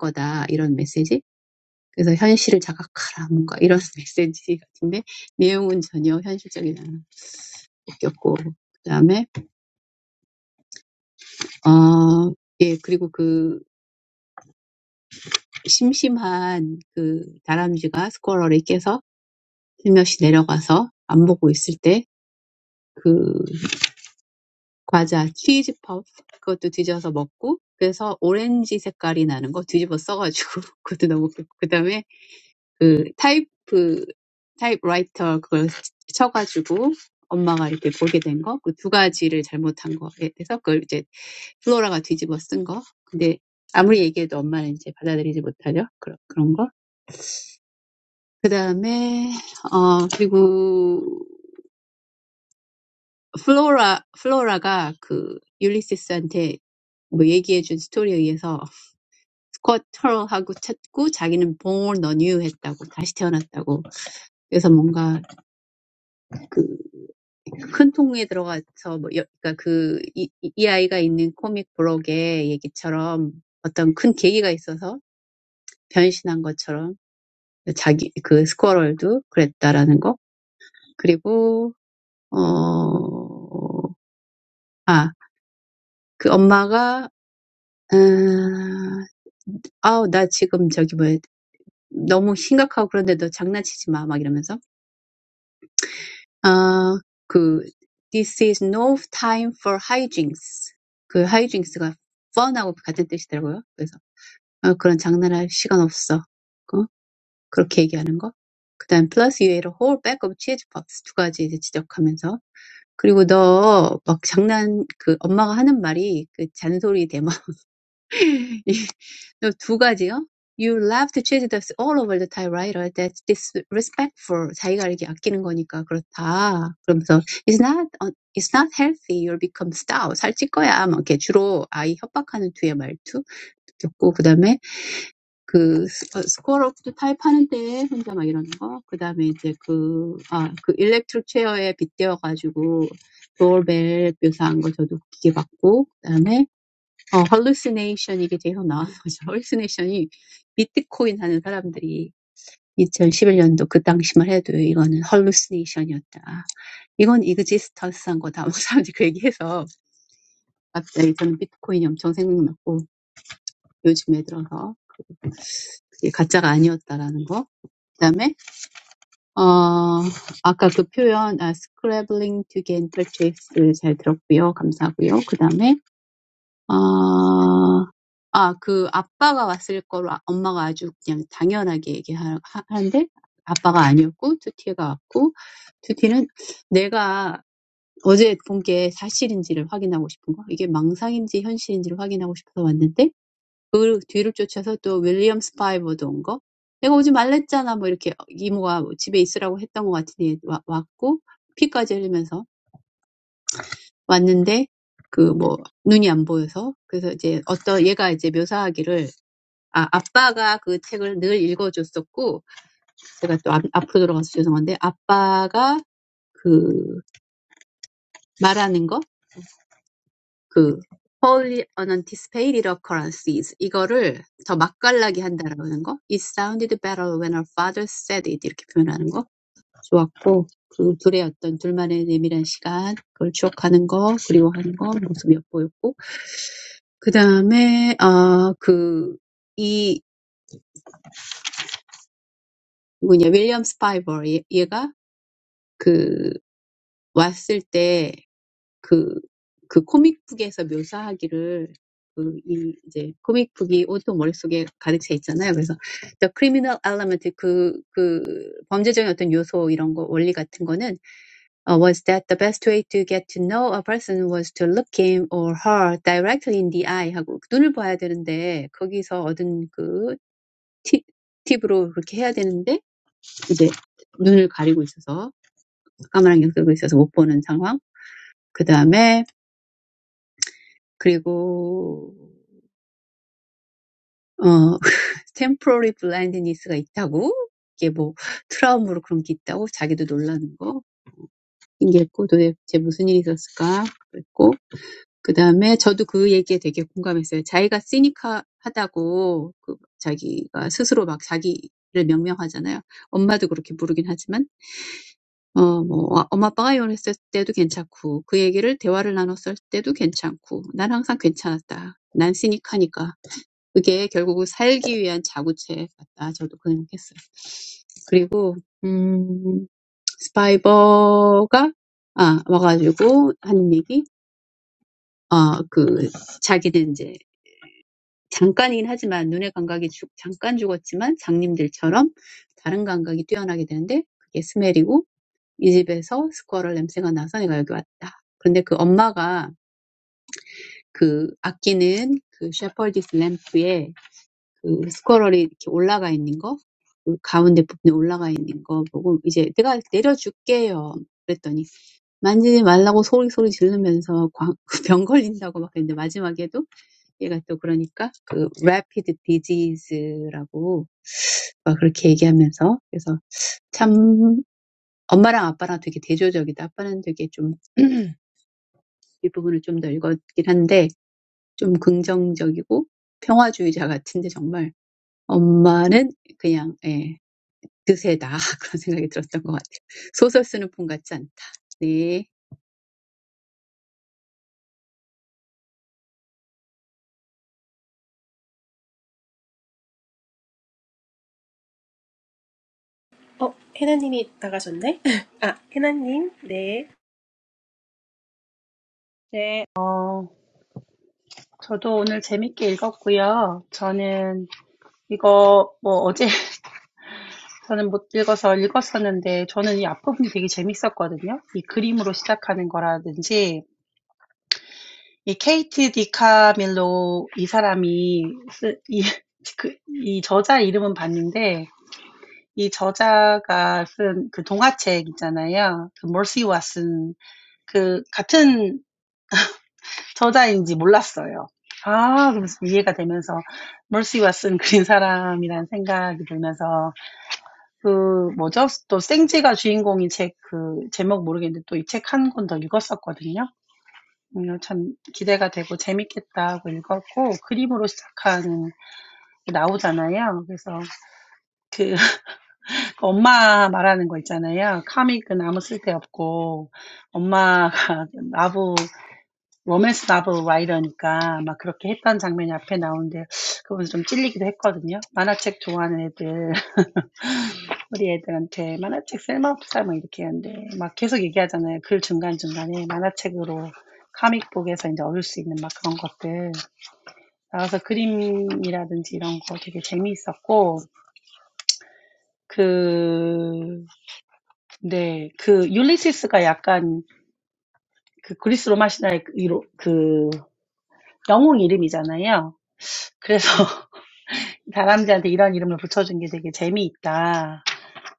to die. 그래서 현실을 자각하라 뭔가 이런 [laughs] 메시지 같은데 내용은 전혀 현실적인 적이 없고 그다음에 어, 예 그리고 그 심심한 그 다람쥐가 스쿼러를 깨서 슬며시 내려가서 안 보고 있을 때 그 과자 치즈 퍼프 그것도 뒤져서 먹고 그래서 오렌지 색깔이 나는 거 뒤집어 써가지고 [laughs] 그것도 너무 그다음에 그 타이프 타이프라이터 그걸 쳐가지고 엄마가 이렇게 보게 된 거, 그 두 가지를 잘못한 거에 대해서 그걸 이제 플로라가 뒤집어 쓴 거. 근데 아무리 얘기해도 엄마는 이제 받아들이지 못하죠. 그런 그런 거. 그 다음에 어 그리고 플로라 플로라가 그 율리시스한테 뭐 얘기해준 스토리에 의해서 스쿼터하고 찾고 자기는 born anew 했다고 다시 태어났다고. 그래서 뭔가 그 큰 통에 들어가서 뭐 여, 그러니까 그 이, 이이 아이가 있는 코믹 블록의 얘기처럼 어떤 큰 계기가 있어서 변신한 것처럼 자기 그 스쿼럴도 그랬다라는 거 그리고 어아그 엄마가 음, 아우 나 지금 저기 뭐야 너무 심각하고 그런데도 장난치지 마막 이러면서 아, 그 This is no time for hijinks. 그 hijings가 fun하고 같은 뜻이더라고요. 그래서 아, 그런 장난할 시간 없어. 어? 그렇게 얘기하는 거. 그다음 plus you ate a whole bag of cheese puffs 두 가지 이제 지적하면서 그리고 너막 장난 그 엄마가 하는 말이 그 잔소리 대마 어, 두 가지요. You love to chase the all over the type writer that's disrespectful. 자기가 이렇게 아끼는 거니까 그렇다. 그러면서 it's not uh, it's not healthy. You'll become stout. 살찔 거야. 막 이렇게 주로 아이 협박하는 뒤에 말투 듣고 그다음에 그 스- 어, score of the type 하는데 혼자 막 이러는 거. 그다음에 이제 그 아, 그 electric chair에 빗대어 가지고 doorbell 묘사한 거 저도 기계 봤고 그다음에 어, hallucination 이게 계속 나오는 [laughs] 거죠. hallucination이 비트코인 하는 사람들이 2011년도 그 당시만 해도 이거는 hallucination이었다. 이건 existence한 거다. 뭐 사람들이 그 얘기해서 갑자기 저는 비트코인이 엄청 생각났고 요즘에 들어서 그게 가짜가 아니었다라는 거. 그다음에 어 아까 그 표현 아, scrambling to gain purchase 잘 들었고요. 감사하고요. 그다음에 아, 아, 그 아빠가 왔을 거로 아- 엄마가 아주 그냥 당연하게 얘기하는데 아빠가 아니었고 투티가 왔고 투티는 내가 어제 본게 사실인지를 확인하고 싶은 거 이게 망상인지 현실인지를 확인하고 싶어서 왔는데 그 뒤를 쫓아서 또 윌리엄 스파이버도 온 거. 내가 오지 말랬잖아. 뭐 이렇게 이모가 뭐 집에 있으라고 했던 것 같으니 와, 왔고 피까지 흘리면서 왔는데 그뭐 눈이 안 보여서 그래서 이제 어떤 얘가 이제 묘사하기를 아 아빠가 그 책을 늘 읽어줬었고 제가 또 앞, 앞으로 돌아가서 죄송한데 아빠가 그 말하는 거그 wholly unanticipated occurrences 이거를 더 맛깔나게 한다라는 거 it sounded better when our father said it 이렇게 표현하는 거 좋았고 그 둘의 어떤 둘만의 내밀한 시간 그걸 추억하는 거 그리워하는 거 모습이 엿보였고 그 다음에, 어, 그, 이, 뭐냐, 윌리엄 스파이버, 얘, 얘가 그, 왔을 때 그, 그 코믹북에서 묘사하기를 그, 이, 이제, 코믹북이 온통 머릿속에 가득 차 있잖아요. 그래서, the criminal element, 그, 그, 범죄적인 어떤 요소, 이런 거, 원리 같은 거는, 어, was that the best way to get to know a person was to look him or her directly in the eye 하고, 눈을 봐야 되는데, 거기서 얻은 그, 팁, 팁으로 그렇게 해야 되는데 이제 눈을 가리고 있어서 까만 안경 쓰고 있어서 못 보는 상황. 그 다음에 그리고 어 [laughs] temporary blindness가 있다고 이게 뭐 트라우마로 그런 게 있다고 자기도 놀라는 거 신기했고 도대체 무슨 일이 있었을까 그랬고 그 다음에 저도 그 얘기에 되게 공감했어요. 자기가 시니카하다고 그 자기가 스스로 막 자기를 명명하잖아요. 엄마도 그렇게 부르긴 하지만 어뭐아 엄마 아빠가 이혼했을 때도 괜찮고 그 얘기를 대화를 나눴을 때도 괜찮고 난 항상 괜찮았다. 난 시닉하니까. 그게 결국은 살기 위한 자구책 같다. 저도 그 생각했어요. 그리고 음 스파이버가 아 와가지고 하는 얘기 어, 그 자기는 이제 잠깐이긴 하지만 눈의 감각이 죽 잠깐 죽었지만 장님들처럼 다른 감각이 뛰어나게 되는데 그게 스멜이고 이 집에서 스쿼럴 냄새가 나서 내가 여기 왔다. 근데 그 엄마가 그 아끼는 그 셰퍼디스 램프에 그 스쿼럴이 이렇게 올라가 있는 거, 그 가운데 부분에 올라가 있는 거 보고 이제 내가 내려줄게요. 그랬더니 만지지 말라고 소리 소리 지르면서 광- [laughs] 병 걸린다고 막 했는데 마지막에도 얘가 또 그러니까 그 rapid disease라고 막 그렇게 얘기하면서 그래서 참 엄마랑 아빠랑 되게 대조적이다. 아빠는 되게 좀 [clears throat] 이 부분을 좀더 읽었긴 한데 좀 긍정적이고 평화주의자 같은데 정말 엄마는 그냥 예, 드세다 [laughs] 그런 생각이 들었던 것 같아요. 소설 쓰는 분 같지 않다. 네. 어, 해나님이 나가셨네? [laughs] 아, 해나님, 네. 네, 어, 저도 오늘 재밌게 읽었고요. 저는 이거 뭐 어제 [laughs] 저는 못 읽어서 읽었었는데 저는 이 앞부분이 되게 재밌었거든요. 이 그림으로 시작하는 거라든지 이 케이트 디카밀로 이 사람이 쓰, 이, [laughs] 그, 이 저자 이름은 봤는데 이 저자가 쓴 그 동화책 있잖아요. 그 머시와 쓴그 같은 저자인지 몰랐어요. 아, 그러면서 이해가 되면서 머시와 쓴 그린 사람이라는 생각이 들면서 그 뭐죠? 또 생지가 주인공인 책 그 제목 모르겠는데 또 이 책 한 권 더 읽었었거든요. 음, 참 기대가 되고 재밌겠다고 읽었고 그림으로 시작하는 게 나오잖아요. 그래서 그 [laughs] 엄마 말하는 거 있잖아요. 카믹은 아무 쓸데 없고 엄마가 나부 로맨스 나부 라이터니까 막 그렇게 했던 장면이 앞에 나오는데 그거 좀 찔리기도 했거든요. 만화책 좋아하는 애들 우리 애들한테 만화책 쓸모없어 막 이렇게 하는데 막 계속 얘기하잖아요. 글 중간중간에 만화책으로 카믹북에서 이제 얻을 수 있는 막 그런 것들 나와서 그림이라든지 이런 거 되게 재미있었고 그 네, 그 율리시스가 약간 그 그리스 로마 신화의 그 이로- 그 영웅 이름이잖아요. 그래서 [laughs] 사람들한테 이런 이름을 붙여준 게 되게 재미있다.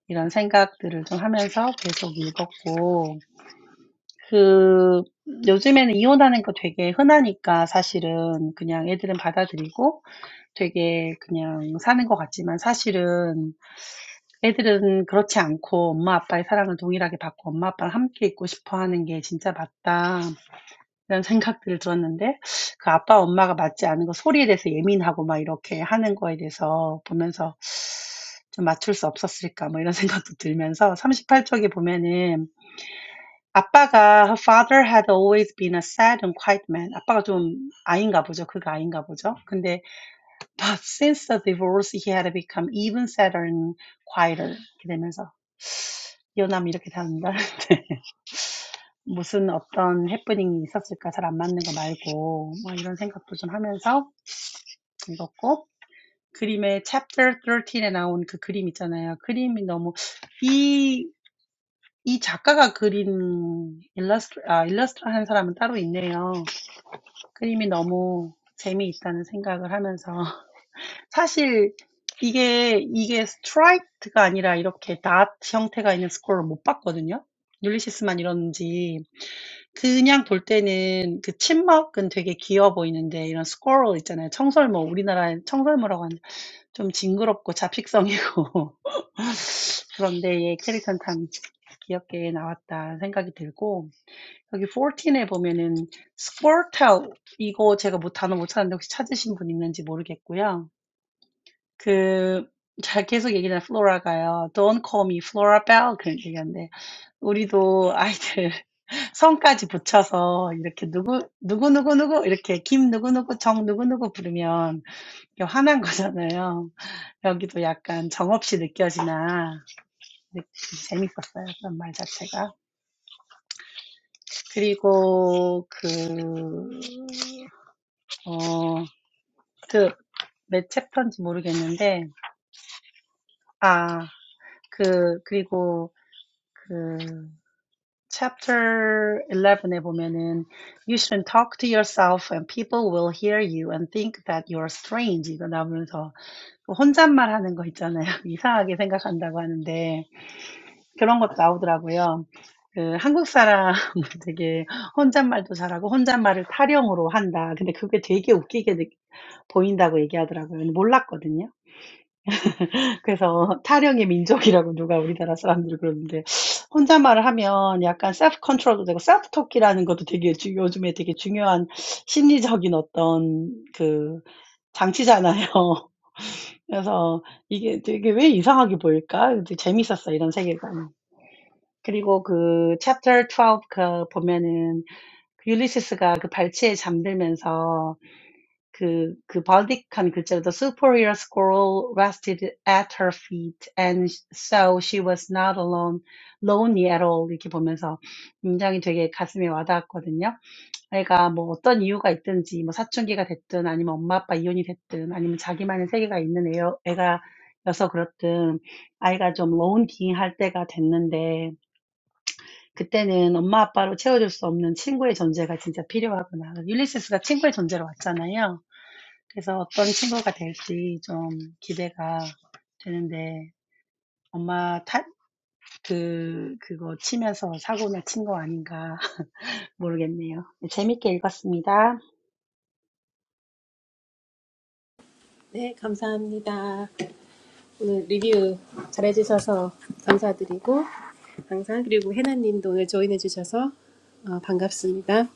이런 생각들을 좀 하면서 계속 읽었고 그 요즘에는 이혼하는 거 되게 흔하니까 사실은 그냥 애들은 받아들이고 되게 그냥 사는 것 같지만 사실은 애들은 그렇지 않고 엄마 아빠의 사랑을 동일하게 받고 엄마 아빠랑 함께 있고 싶어 하는 게 진짜 맞다. 이런 생각들을 들었는데 그 아빠 엄마가 맞지 않은 거 소리에 대해서 예민하고 막 이렇게 하는 거에 대해서 보면서 좀 맞출 수 없었을까 뭐 이런 [laughs] 생각도 들면서 38쪽에 보면은 아빠가 Her father had always been a sad and quiet man. Papa가 좀 아닌가 보죠. 그게 아닌가 보죠. 그런데 but since the divorce, he had become even sadder and quieter. 이렇게 되면서 이 남이 이렇게 된다. [laughs] 무슨 어떤 happening이 있었을까? 잘 안 맞는 거 말고 뭐 이런 생각도 좀 하면서 읽었고 그림의 chapter thirteen에 나온 그 그림 있잖아요. 그림이 너무 이 이 작가가 그린 illustration 한 사람은 따로 있네요. 그림이 너무 재미있다는 생각을 하면서 [laughs] 사실 이게 이게 스트라이트가 아니라 이렇게 닷 형태가 있는 스코어를 못 봤거든요. 율리시스만 이러는지 그냥 볼 때는 그 침묵은 되게 귀여워 보이는데 이런 스코어 있잖아요. 청설모 우리나라에 청설모라고 하는 좀 징그럽고 잡식성이고 [laughs] 그런데 얘 캐릭터는 참 귀엽게 나왔다 생각이 들고 여기 십사에 보면은 squirtle 이거 제가 뭐 단어 못 찾는데 혹시 찾으신 분 있는지 모르겠고요. 그 잘 계속 얘기하는 플로라가요. Don't call me Flora Bell 그런 얘기하는데 우리도 아이들 [laughs] 성까지 붙여서 이렇게 누구 누구 누구 누구 이렇게 김 누구 누구 정 누구 누구 부르면 화난 거잖아요. 여기도 약간 정없이 느껴지나 재밌었어요. 그런 말 자체가. 그리고 그어 The match part, I don't know. Ah, and then in Chapter 11, you should talk to yourself, and people will hear you and think that you're strange. This is from the book. Korean people have something called "one-man talk," which they think is strange. I didn't know that. [laughs] [laughs] 그래서 타령의 민족이라고 누가 우리나라 사람들이 그러는데 혼잣말을 하면 약간 셀프 컨트롤도 되고 셀프 토끼라는 것도 되게 주, 요즘에 되게 중요한 심리적인 어떤 그 장치잖아요. [laughs] 그래서 이게 되게 왜 이상하게 보일까? 근데 재밌었어, 이런 세계관. 그리고 그 챕터 12그 보면은 그 율리시스가 그 발치에 잠들면서 그, 그 번득한 글자로도 superior squirrel rested at her feet and so she was not alone, lonely at all 이렇게 보면서 굉장히 되게 가슴에 와닿았거든요. 애가 뭐 어떤 이유가 있든지 뭐 사춘기가 됐든 아니면 엄마 아빠 이혼이 됐든 아니면 자기만의 세계가 있는 애, 애가 여서 그렇든 아이가 좀 론킹할 때가 됐는데 그때는 엄마 아빠로 채워줄 수 없는 친구의 존재가 진짜 필요하구나. 율리세스가 친구의 존재로 왔잖아요. 그래서 어떤 친구가 될지 좀 기대가 되는데 엄마 탓, 그, 그거 치면서 사고나 친거 아닌가 [laughs] 모르겠네요. 네, 재밌게 읽었습니다. 네, 감사합니다. 오늘 리뷰 잘해주셔서 감사드리고, 항상, 그리고 해나님도 오늘 조인해주셔서 어, 반갑습니다.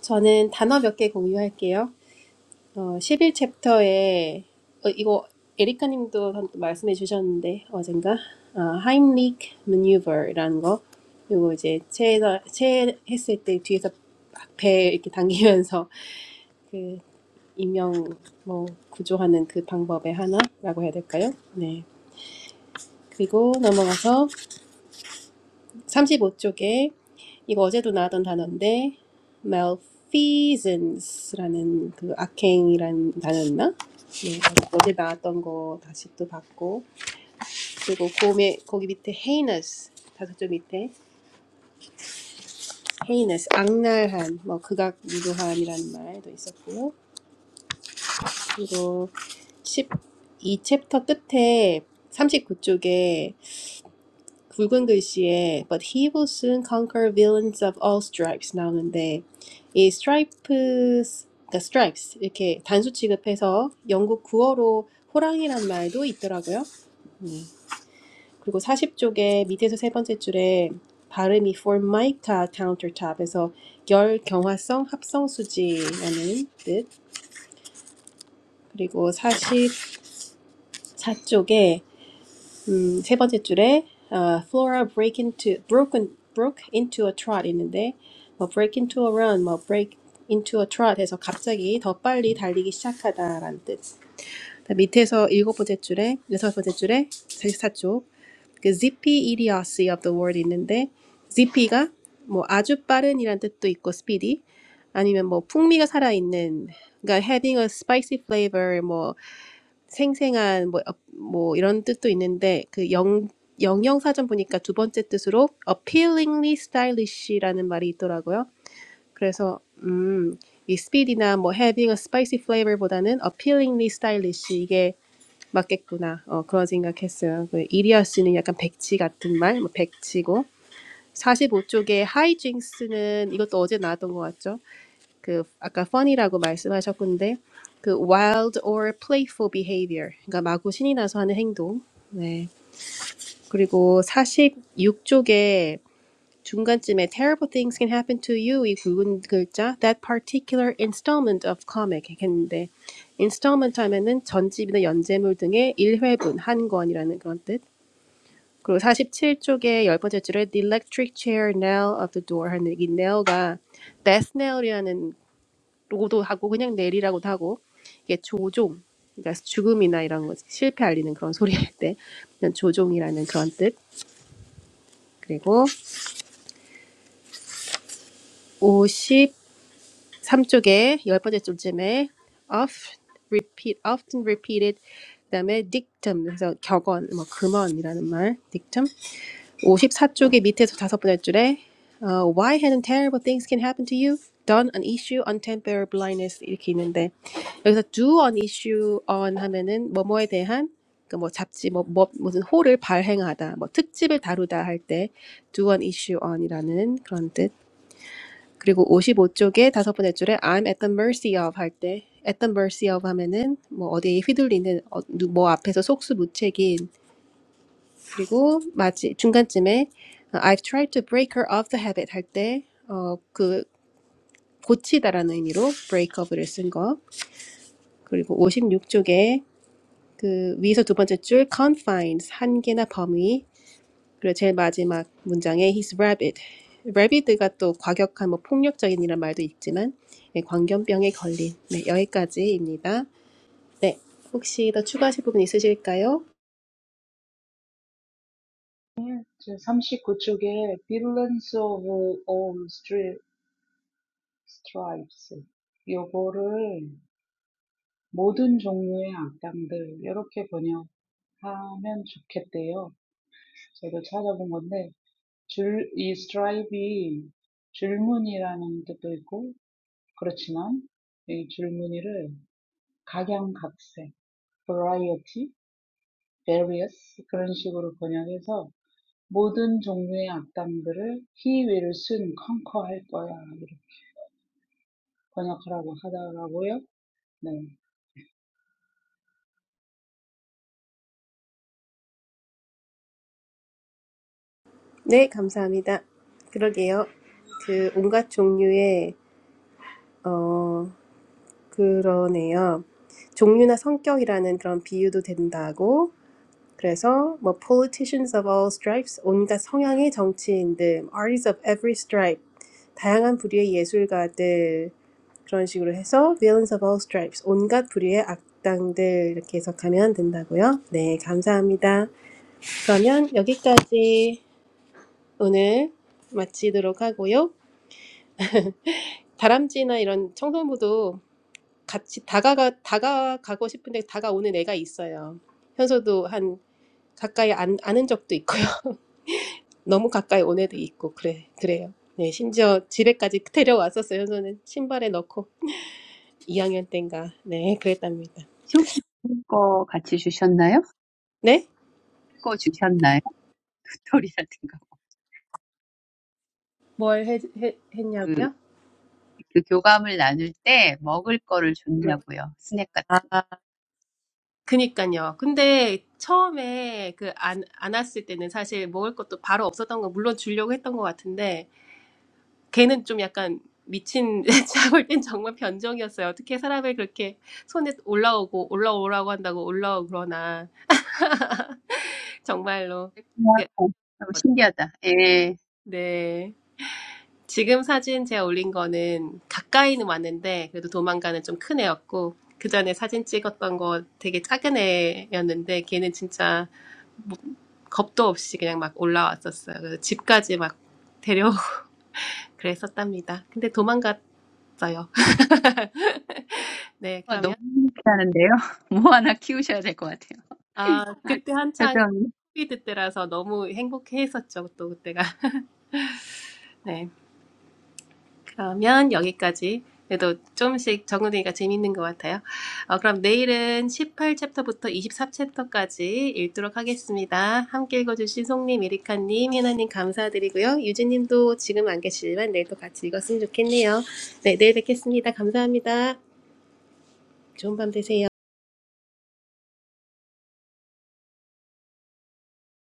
저는 단어 몇 개 공유할게요. 어, 11챕터에, 어, 이거 에리카님도 한- 말씀해주셨는데, 어젠가, 어, Heimlich Maneuver라는 거, 요거 이제 체에서, 체 했을 때 뒤에서 막배 이렇게 당기면서 그 인명 뭐 구조하는 그 방법의 하나라고 해야 될까요? 네. 그리고 넘어가서 35쪽에 이거 어제도 나왔던 단어인데 malfeasance라는 그 악행이라는 단어였나? 네, 어제 나왔던 거 다시 또 봤고 그리고 고음에 거기 밑에 heinous 다섯 점 밑에 heinous 악랄한 뭐 극악 유도함이라는 말도 있었고요. 그리고 십이 챕터 끝에 39쪽에 굵은 글씨에 But he will soon conquer villains of all stripes 나오는데 이 스트라이프스, 그러니까 t r i 이 e s 이렇게 단수 취급해서 영국 구어로 호랑이란 말도 있더라고요. 음, 그리고 40쪽에 밑에서 세 번째 줄에 발음이 formica countertop에서 열 경화성 합성 수지라는 뜻. 그리고 44쪽에 음, 세 번째 줄에 아, Flora break into broken broke into a trot 있는데 뭐 break into a run, 뭐 break into a trot 해서 갑자기 더 빨리 달리기 시작하다라는 뜻. 그다음 밑에서 일곱 번째 줄에 여섯 번째 줄에 44쪽 그 zippy idiocy of the word 있는데 zippy가 뭐 아주 빠른이란 뜻도 있고 speedy 아니면 뭐 풍미가 살아있는 그러니까 having a spicy flavor 뭐. 생생한 뭐, 어, 뭐 이런 뜻도 있는데 그 영, 영영사전 보니까 두 번째 뜻으로 appealingly stylish라는 말이 있더라고요. 그래서 음, 이 speed이나 뭐 having a spicy flavor보다는 appealingly stylish 이게 맞겠구나. 어, 그런 생각했어요. 그 이리아스는 약간 백치 같은 말, 뭐 백치고 45쪽에 hijinks는 이것도 어제 나왔던 것 같죠? 그 아까 fun이라고 말씀하셨군데 그 wild or playful behavior 그러니까 마구 신이 나서 하는 행동 네 그리고 46쪽에 중간쯤에 terrible things can happen to you 이 굵은 글자 that particular installment of comic 했는데 installment 하면은 전집이나 연재물 등의 일회분한 권이라는 그런 뜻 그리고 47쪽에 열 번째 줄에 the electric chair nail of the door 하는 이 nail가 death nail이라는 로고도 하고 그냥 내리라고도 하고 이게 조종 그러니까 죽음이나 이런 거 실패 알리는 그런 소리 할때 조종이라는 그런 뜻 그리고 53쪽에 열 번째 줄쯤에 of repeat often repeated 그다음에 dictum 그래서 격언 뭐 금언이라는 말 dictum 54쪽의 밑에서 다섯 번째 줄에 uh, Why hadn't terrible things can happen to you? Done an issue on temporary blindness 이렇게 있는데 여기서 do an issue on 하면은 뭐뭐에 대한 그뭐 잡지 뭐, 뭐 무슨 호를 발행하다 뭐 특집을 다루다 할 때 do an issue on이라는 그런 뜻 그리고 55쪽의 다섯 번째 줄에 I'm at the mercy of 할 때 at the mercy of 하면은 뭐 어디에 휘둘리는 어, 누- 뭐 앞에서 속수무책인 그리고 마지 중간쯤에 어, I've tried to break her off the habit 할 때 어 그 고치다라는 의미로 break up을 쓴 거. 그리고 56쪽에 그 위에서 두 번째 줄 confines 한계나 범위. 그리고 제일 마지막 문장에 his rabid. rabid가 또 과격한 뭐 폭력적인 이란 말도 있지만 예, 광견병에 걸린. 네, 여기까지입니다. 네. 혹시 더 추가하실 부분 있으실까요? the 39th chapter of *Violence of All Stripes*. This is about all kinds of villains. I think it would be good to translate it. I looked it up. "Stripe" means a pattern of lines. But it's also a pattern of stripes. various 그런 식으로 번역해서 모든 종류의 악당들을 he will soon conquer할 거야 이렇게 번역하라고 하더라고요. 네. 네, 감사합니다. 그러게요. 그 온갖 종류의 어, 그러네요. 종류나 성격이라는 그런 비유도 된다고. 그래서 뭐 politicians of all stripes, 온갖 성향의 정치인들, artists of every stripe, 다양한 부류의 예술가들 그런 식으로 해서 villains of all stripes, 온갖 부류의 악당들 이렇게 해석하면 된다고요. 네, 감사합니다. 그러면 여기까지 오늘 마치도록 하고요. 다람쥐나 이런 청소부도 같이 다가가 다가가고 싶은데 다가오는 애가 있어요. 현서도 한 가까이 안, 아는 적도 있고요. [laughs] 너무 가까이 온 애도 있고 그래 그래요. 네 심지어 집에까지 데려왔었어요. 현서는 신발에 넣고 2학년 땐가 네 그랬답니다. 혹시 읽을 거 같이 주셨나요? 네? 읽을 거 주셨나요? [laughs] 빅토리라든가 뭘 해, 해, 그, 했냐고요? 그 교감을 나눌 때 먹을 거를 줬냐고요. 스낵 같은 아, 그니까요. 근데 처음에 그 안, 안 왔을 때는 사실 먹을 것도 바로 없었던 거 물론 주려고 했던 것 같은데 걔는 좀 약간 미친 [laughs] 제가 볼 땐 정말 변종이었어요. 어떻게 사람을 그렇게 손에 올라오고 올라오라고 한다고 올라오고 그러나 정말로 거. 그냥 이게 너무 어- 신기하다. 예. 네 지금 사진 제가 올린 거는 가까이는 왔는데 그래도 도망가는 좀 큰 애였고 그 전에 사진 찍었던 거 되게 작은 애였는데 걔는 진짜 뭐- 겁도 없이 그냥 막 올라왔었어요. 그래서 집까지 막 데려오고 [laughs] 그랬었답니다. 근데 도망갔어요. [laughs] 네 와, 너무 그러면. 신기하는데요. [laughs] 뭐 하나 키우셔야 될것 같아요. 아, 아, 그때 한창 표정. 코비드 때라서 너무 행복했었죠, 또 그때가. [laughs] 네. 그러면 여기까지. 그래도 조금씩 적응되니까 재밌는 것 같아요. 어, 그럼 내일은 18챕터부터 24챕터까지 읽도록 하겠습니다. 함께 읽어주신 송님, 에리카님, 혜나님 감사드리고요. 유진님도 지금 안 계시지만 내일 도 같이 읽었으면 좋겠네요. 네, 내일 뵙겠습니다. 감사합니다. 좋은 밤 되세요.